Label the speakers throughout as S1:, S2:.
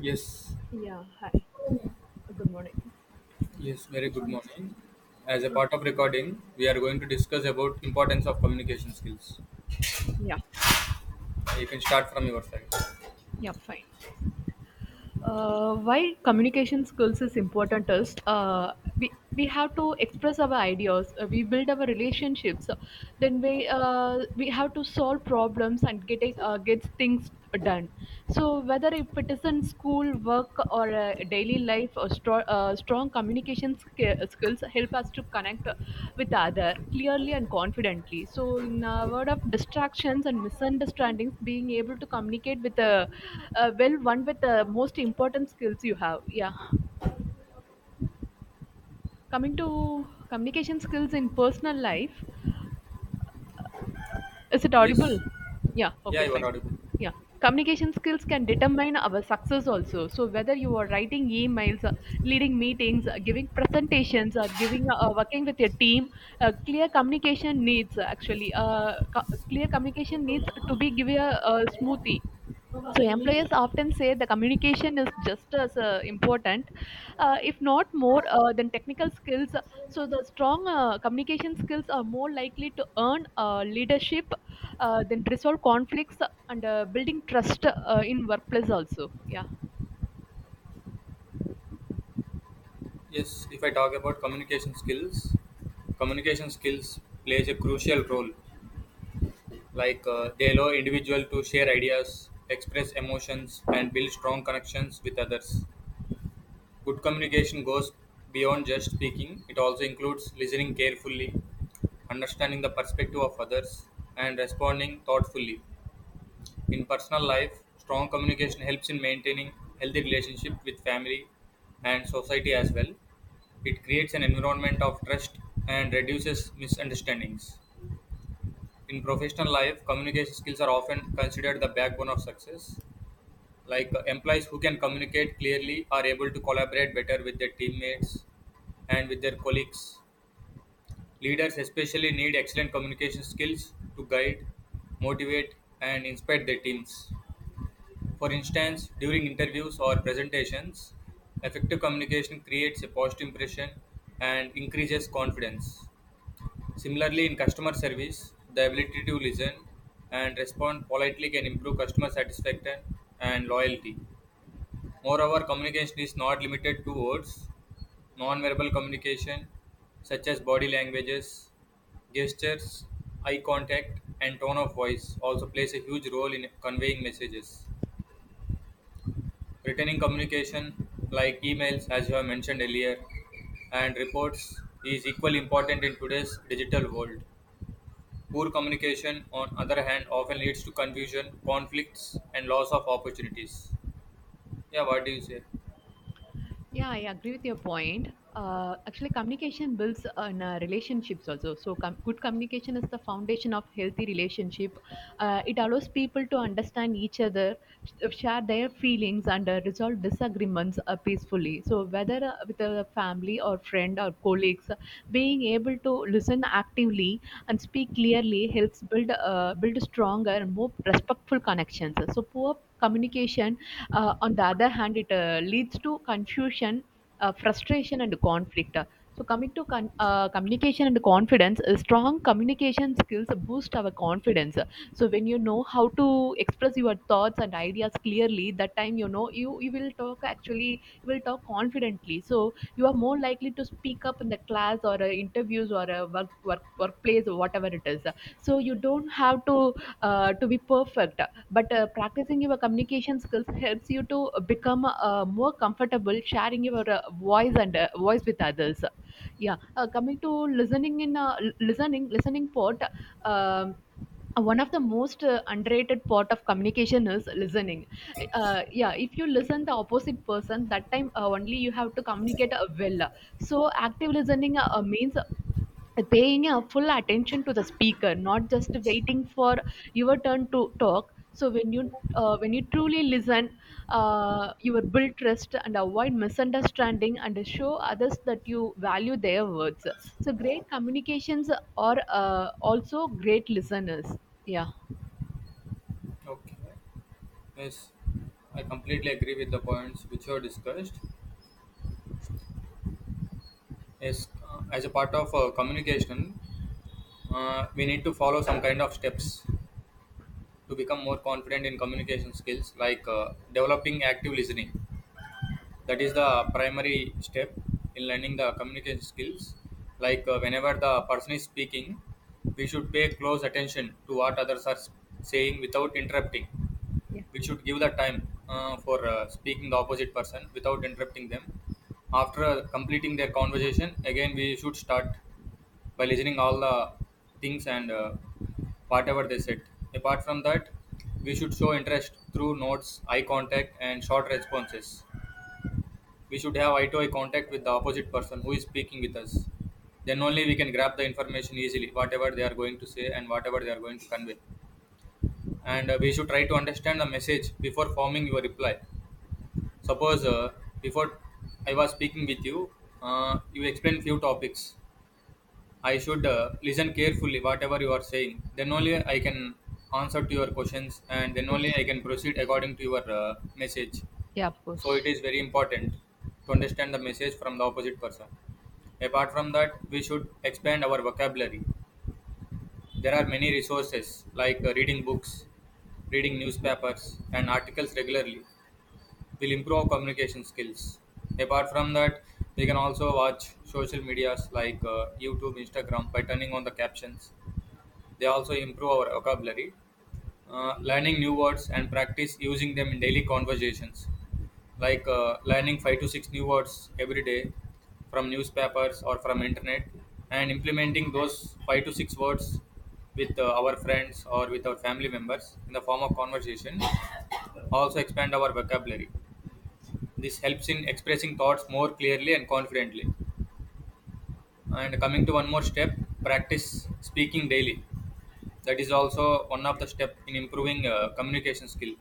S1: Yes,
S2: Yeah, hi. Good morning.
S1: yes, very good
S2: Um,
S1: morning. As a
S2: uh,
S1: part of recording, we are going to discuss about importance of communication skills.
S2: yeah,
S1: You can start from your side.
S2: yeah, fine. Why communication skills is important is uh, we have to express our ideas, we build our relationships, uh, then we have to solve problems and getting get things done. So whether if it is in school, work, or daily life or strong communication skills help us to connect with other clearly and confidently, so in a word of distractions and misunderstandings, being able to communicate with a, well, one with the most important skills you have. Yeah, coming to communication skills in personal life. Is it
S1: Yes.
S2: audible? Yeah,
S1: Yeah,
S2: okay,
S1: you are
S2: fine.
S1: audible.
S2: Yeah, communication skills can determine our success also. So, whether you are writing emails, leading meetings, giving presentations, or giving working with your team, clear communication needs clear communication needs to be given a smoothie. So employers often say the communication is just as important, if not more, than technical skills. So the strong communication skills are more likely to earn leadership, then resolve conflicts, and building trust in workplace also. Yeah.
S1: Yes, if I talk about communication skills plays a crucial role. They allow individual to share ideas, express emotions, and build strong connections with others. Good communication goes beyond just speaking, it also includes listening carefully, understanding the perspective of others, and responding thoughtfully. In personal life, strong communication helps in maintaining healthy relationship with family and society as well. It creates an environment of trust and reduces misunderstandings. In professional life, communication skills are often considered the backbone of success, employees who can communicate clearly are able to collaborate better with their teammates and with their colleagues. Leaders especially need excellent communication skills to guide, motivate, and inspire their teams. For instance, during interviews or presentations, effective communication creates a positive impression and increases confidence. Similarly, in customer service, the ability to listen and respond politely can improve customer satisfaction and loyalty. Moreover, communication is not limited to words. Non-verbal communication, such as body languages, gestures, eye contact, and tone of voice, also plays a huge role in conveying messages. Written communication, like emails, as you have mentioned earlier, and reports, is equally important in today's digital world. Poor communication, on other hand, often leads to confusion, conflicts, and loss of opportunities. Yeah, what do you say?
S2: Yeah, I agree with your point. Actually, communication builds on relationships also. So, good communication is the foundation of healthy relationship. It allows people to understand each other, share their feelings, and resolve disagreements peacefully. So, whether with a family or friend or colleagues, being able to listen actively and speak clearly helps build stronger and more respectful connections. So, poor communication, on the other hand, it leads to confusion, frustration, and conflict. So, coming to communication and confidence, strong communication skills boost our confidence. So, when you know how to express your thoughts and ideas clearly, that time you know you will talk, actually you will talk confidently. So, you are more likely to speak up in the class or interviews or uh, workplace or whatever it is. So, you don't have to be perfect, but practicing your communication skills helps you to become more comfortable sharing your voice with others. Yeah. Coming to listening, in listening part. um, One of the most underrated part of communication is listening. Yeah, if you listen the opposite person, that time only you have to communicate well. So active listening means paying a full attention to the speaker, not just waiting for your turn to talk. So when you truly listen, you will build trust and avoid misunderstanding and show others that you value their words. So great communications are also great listeners. Yeah.
S1: Okay. Yes, I completely agree with the points which were discussed. Yes, as a part of communication, we need to follow some kind of steps to become more confident in communication skills, developing active listening. That is the primary step in learning the communication skills. Whenever the person is speaking, we should pay close attention to what others are saying without interrupting.
S2: Yeah.
S1: We should give the time for speaking the opposite person without interrupting them. After completing their conversation, again we should start by listening all the things, and whatever they said. Apart from that, we should show interest through notes, eye contact, and short responses. We should have eye to eye contact with the opposite person who is speaking with us. Then only we can grab the information easily, whatever they are going to say and whatever they are going to convey. And we should try to understand the message before forming your reply. Suppose before I was speaking with you, you explained few topics. I should listen carefully whatever you are saying, then only I can answer to your questions, and then only I can proceed according to your message.
S2: Yeah, of
S1: So it
S2: course.
S1: is very important to understand the message from the opposite person. Apart from that, we should expand our vocabulary. There are many resources, reading books, reading newspapers and articles regularly will improve our communication skills. Apart from that, we can also watch social medias YouTube, Instagram by turning on the captions. They also improve our vocabulary, learning new words and practice using them in daily conversations, learning five to six new words every day from newspapers or from internet, and implementing those five to six words with our friends or with our family members in the form of conversation. Also expand our vocabulary. This helps in expressing thoughts more clearly and confidently. And coming to one more step, practice speaking daily. That is also one of the step in improving communication skill.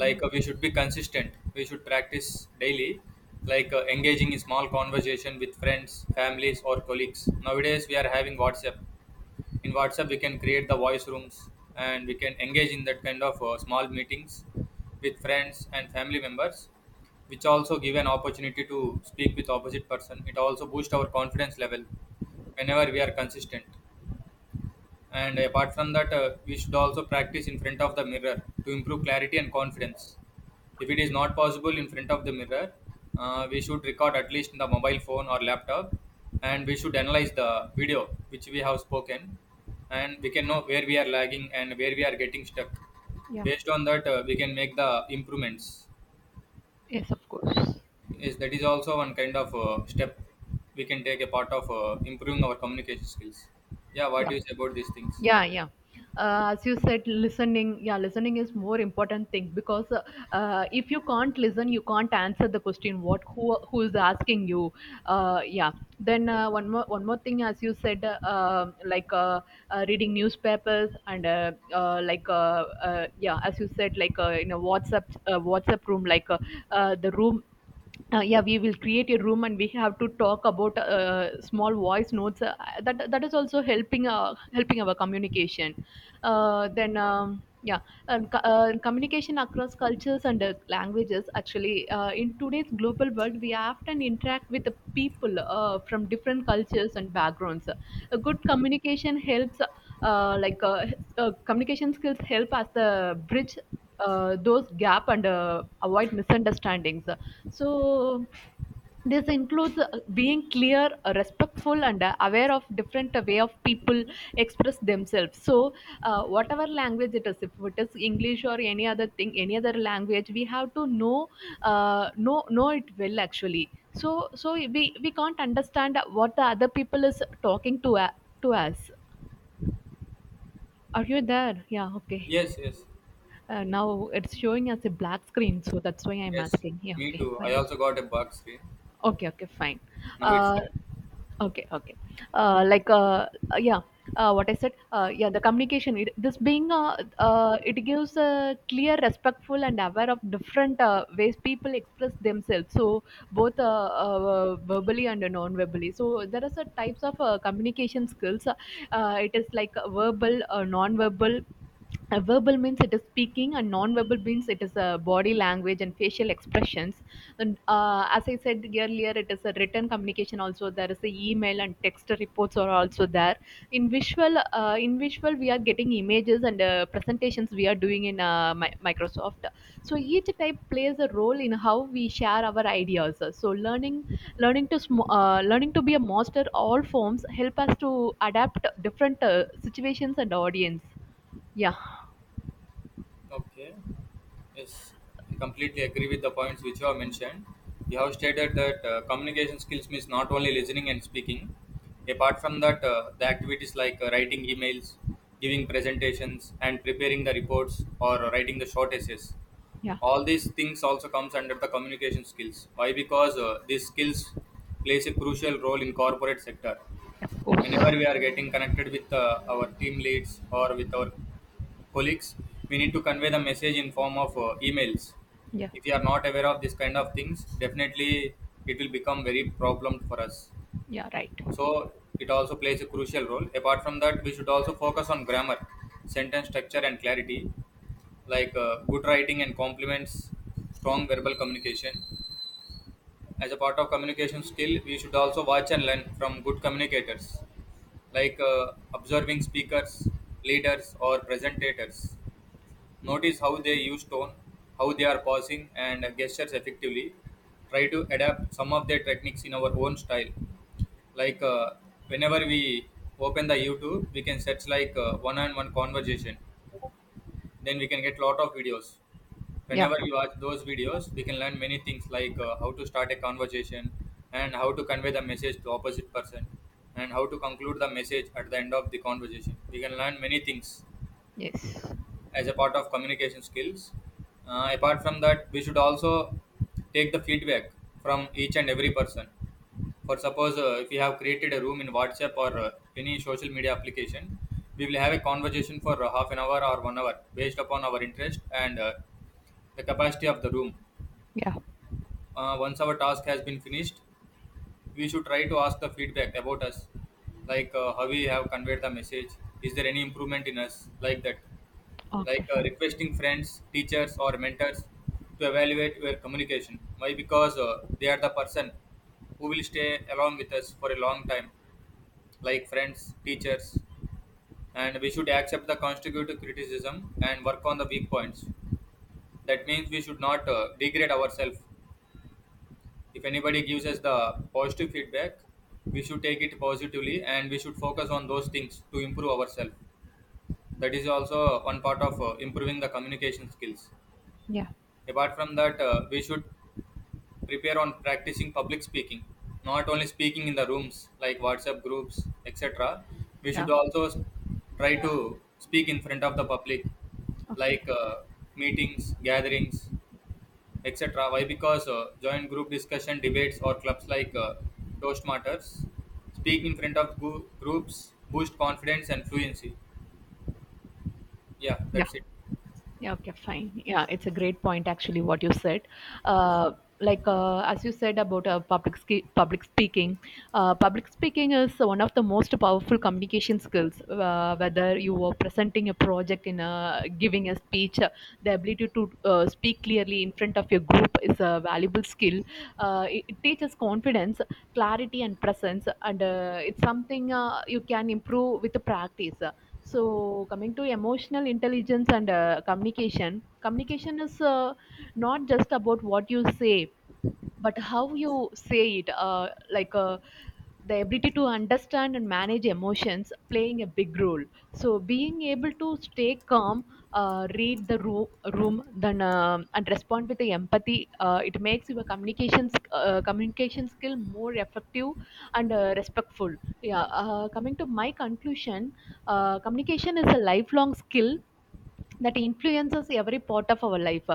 S2: Yeah.
S1: uh, We should be consistent, we should practice daily, engaging in small conversation with friends, families, or colleagues. Nowadays we are having WhatsApp. In WhatsApp we can create the voice rooms, and we can engage in that kind of small meetings with friends and family members, which also give an opportunity to speak with opposite person. It also boosts our confidence level whenever we are consistent. And apart from that, we should also practice in front of the mirror to improve clarity and confidence. If it is not possible in front of the mirror, we should record at least in the mobile phone or laptop, and we should analyze the video which we have spoken, and we can know where we are lagging and where we are getting stuck.
S2: Yeah.
S1: Based on that, we can make the improvements.
S2: Yes, of course.
S1: Yes, that is also one kind of step we can take a part of improving our communication skills. Yeah, what
S2: Yeah.
S1: do you say about these things?
S2: Yeah, yeah, as you said, listening, yeah, listening is more important thing because if you can't listen, you can't answer the question what who is asking you. Yeah. Then uh, one more thing, as you said reading newspapers and yeah, as you said, like in a whatsapp room, like the room. Yeah, we will create a room and we have to talk about small voice notes, uh, that is also helping helping our communication. Then Yeah. And, communication across cultures and languages. Actually in today's global world, we often interact with the people from different cultures and backgrounds. A good communication helps, uh, like uh, communication skills help as the bridge those gap and avoid misunderstandings. So this includes being clear, respectful, and aware of different way of people express themselves. So whatever language it is, if it is English or any other thing, any other language, we have to know know it well, actually. So so we can't understand what the other people is talking to us. Are you there? Yeah. Okay.
S1: Yes, yes.
S2: Now it's showing as a black screen, so that's why I'm
S1: Yes,
S2: asking. Yeah,
S1: me
S2: okay,
S1: too. I
S2: fine.
S1: also got a bug screen.
S2: Okay, okay, fine.
S1: Now it's
S2: Uh,
S1: fine.
S2: okay, okay. Uh, like, uh, uh, yeah, what I said, yeah, the communication, it, this being, it gives a clear, respectful, and aware of different ways people express themselves. So, both verbally and non verbally. So, there are some types of communication skills. It is like verbal, non verbal. A verbal means it is speaking, and non-verbal means it is a body language and facial expressions. And as I said earlier, it is a written communication also. There is a email and text reports are also there. In visual, we are getting images and presentations we are doing in Microsoft. So each type plays a role in how we share our ideas. So learning to learning to be a master all forms help us to adapt different situations and audience. Yeah.
S1: Okay. Yes, I completely agree with the points which you have mentioned. You have stated that communication skills means not only listening and speaking. Apart from that, the activities writing emails, giving presentations, and preparing the reports or writing the short essays.
S2: Yeah,
S1: All these things also comes under the communication skills. Why? Because these skills plays a crucial role in corporate sector.
S2: of
S1: Whenever
S2: course.
S1: we are getting connected with our team leads or with our colleagues, we need to convey the message in form of emails.
S2: Yeah,
S1: If you are not aware of this kind of things, definitely it will become very problem for us.
S2: yeah, right.
S1: So it also plays a crucial role. Apart from that, we should also focus on grammar, sentence structure, and clarity, good writing and compliments strong verbal communication. As a part of communication skill, we should also watch and learn from good communicators, observing speakers, leaders, or presentators. Notice how they use tone, how they are pausing and gestures effectively. Try to adapt some of their techniques in our own style. Like uh, Whenever we open the YouTube, we can search one-on-one conversation. Then we can get lot of videos.
S2: Yeah,
S1: Whenever we watch those videos, we can learn many things, how to start a conversation, and how to convey the message to opposite person, and how to conclude the message at the end of the conversation. We can learn many things
S2: yes.
S1: as a part of communication skills. Apart from that, we should also take the feedback from each and every person. For suppose, if we have created a room in WhatsApp or any social media application, we will have a conversation for half an hour or 1 hour based upon our interest and the capacity of the room.
S2: Yeah,
S1: Once our task has been finished, we should try to ask the feedback about us, how we have conveyed the message. Is there any improvement in us, like that?
S2: okay,
S1: Like
S2: fine.
S1: requesting friends, teachers, or mentors to evaluate your communication. Why? Because they are the person who will stay along with us for a long time, like friends, teachers, and we should accept the constructive criticism and work on the weak points. That means we should not degrade ourselves. If anybody gives us the positive feedback, we should take it positively and we should focus on those things to improve ourselves. That is also one part of improving the communication skills.
S2: Yeah,
S1: Apart from that, we should prepare on practicing public speaking, not only speaking in the rooms like WhatsApp groups, etc. We should
S2: yeah,
S1: also try to speak in front of the public,
S2: okay.
S1: like uh, meetings, gatherings, etc. Why? Because join group discussion, debates, or clubs Toastmasters. Speak in front of groups, boost confidence and fluency. Yeah,
S2: Yeah.
S1: that's it.
S2: Yeah, okay, fine. Yeah, it's a great point actually what you said. Uh, as you said about public speaking is one of the most powerful communication skills. Whether you are presenting a project in a giving a speech, the ability to speak clearly in front of your group is a valuable skill. It teaches confidence, clarity, and presence, and it's something you can improve with the practice. So, coming to emotional intelligence and communication, communication is not just about what you say, but how you say it. The ability to understand and manage emotions playing a big role, so being able to stay calm, read the room, then and respond with the empathy. It makes your communication skill more effective and respectful. Yeah. Coming to my conclusion, communication is a lifelong skill that influences every part of our life.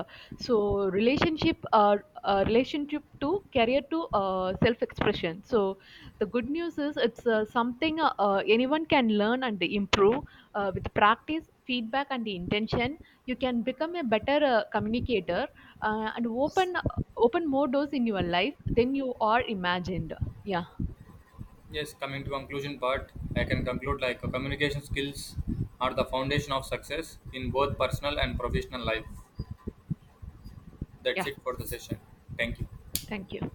S2: So relationship to career to self expression. So the good news is it's something anyone can learn and improve with practice, feedback and intention. You can become a better communicator, and open open more doors in your life than you are imagined. Yeah.
S1: Yes, coming to conclusion part, I can conclude communication skills are the foundation of success in both personal and professional life. That's
S2: Yeah,
S1: it for the session. Thank you.
S2: thank you.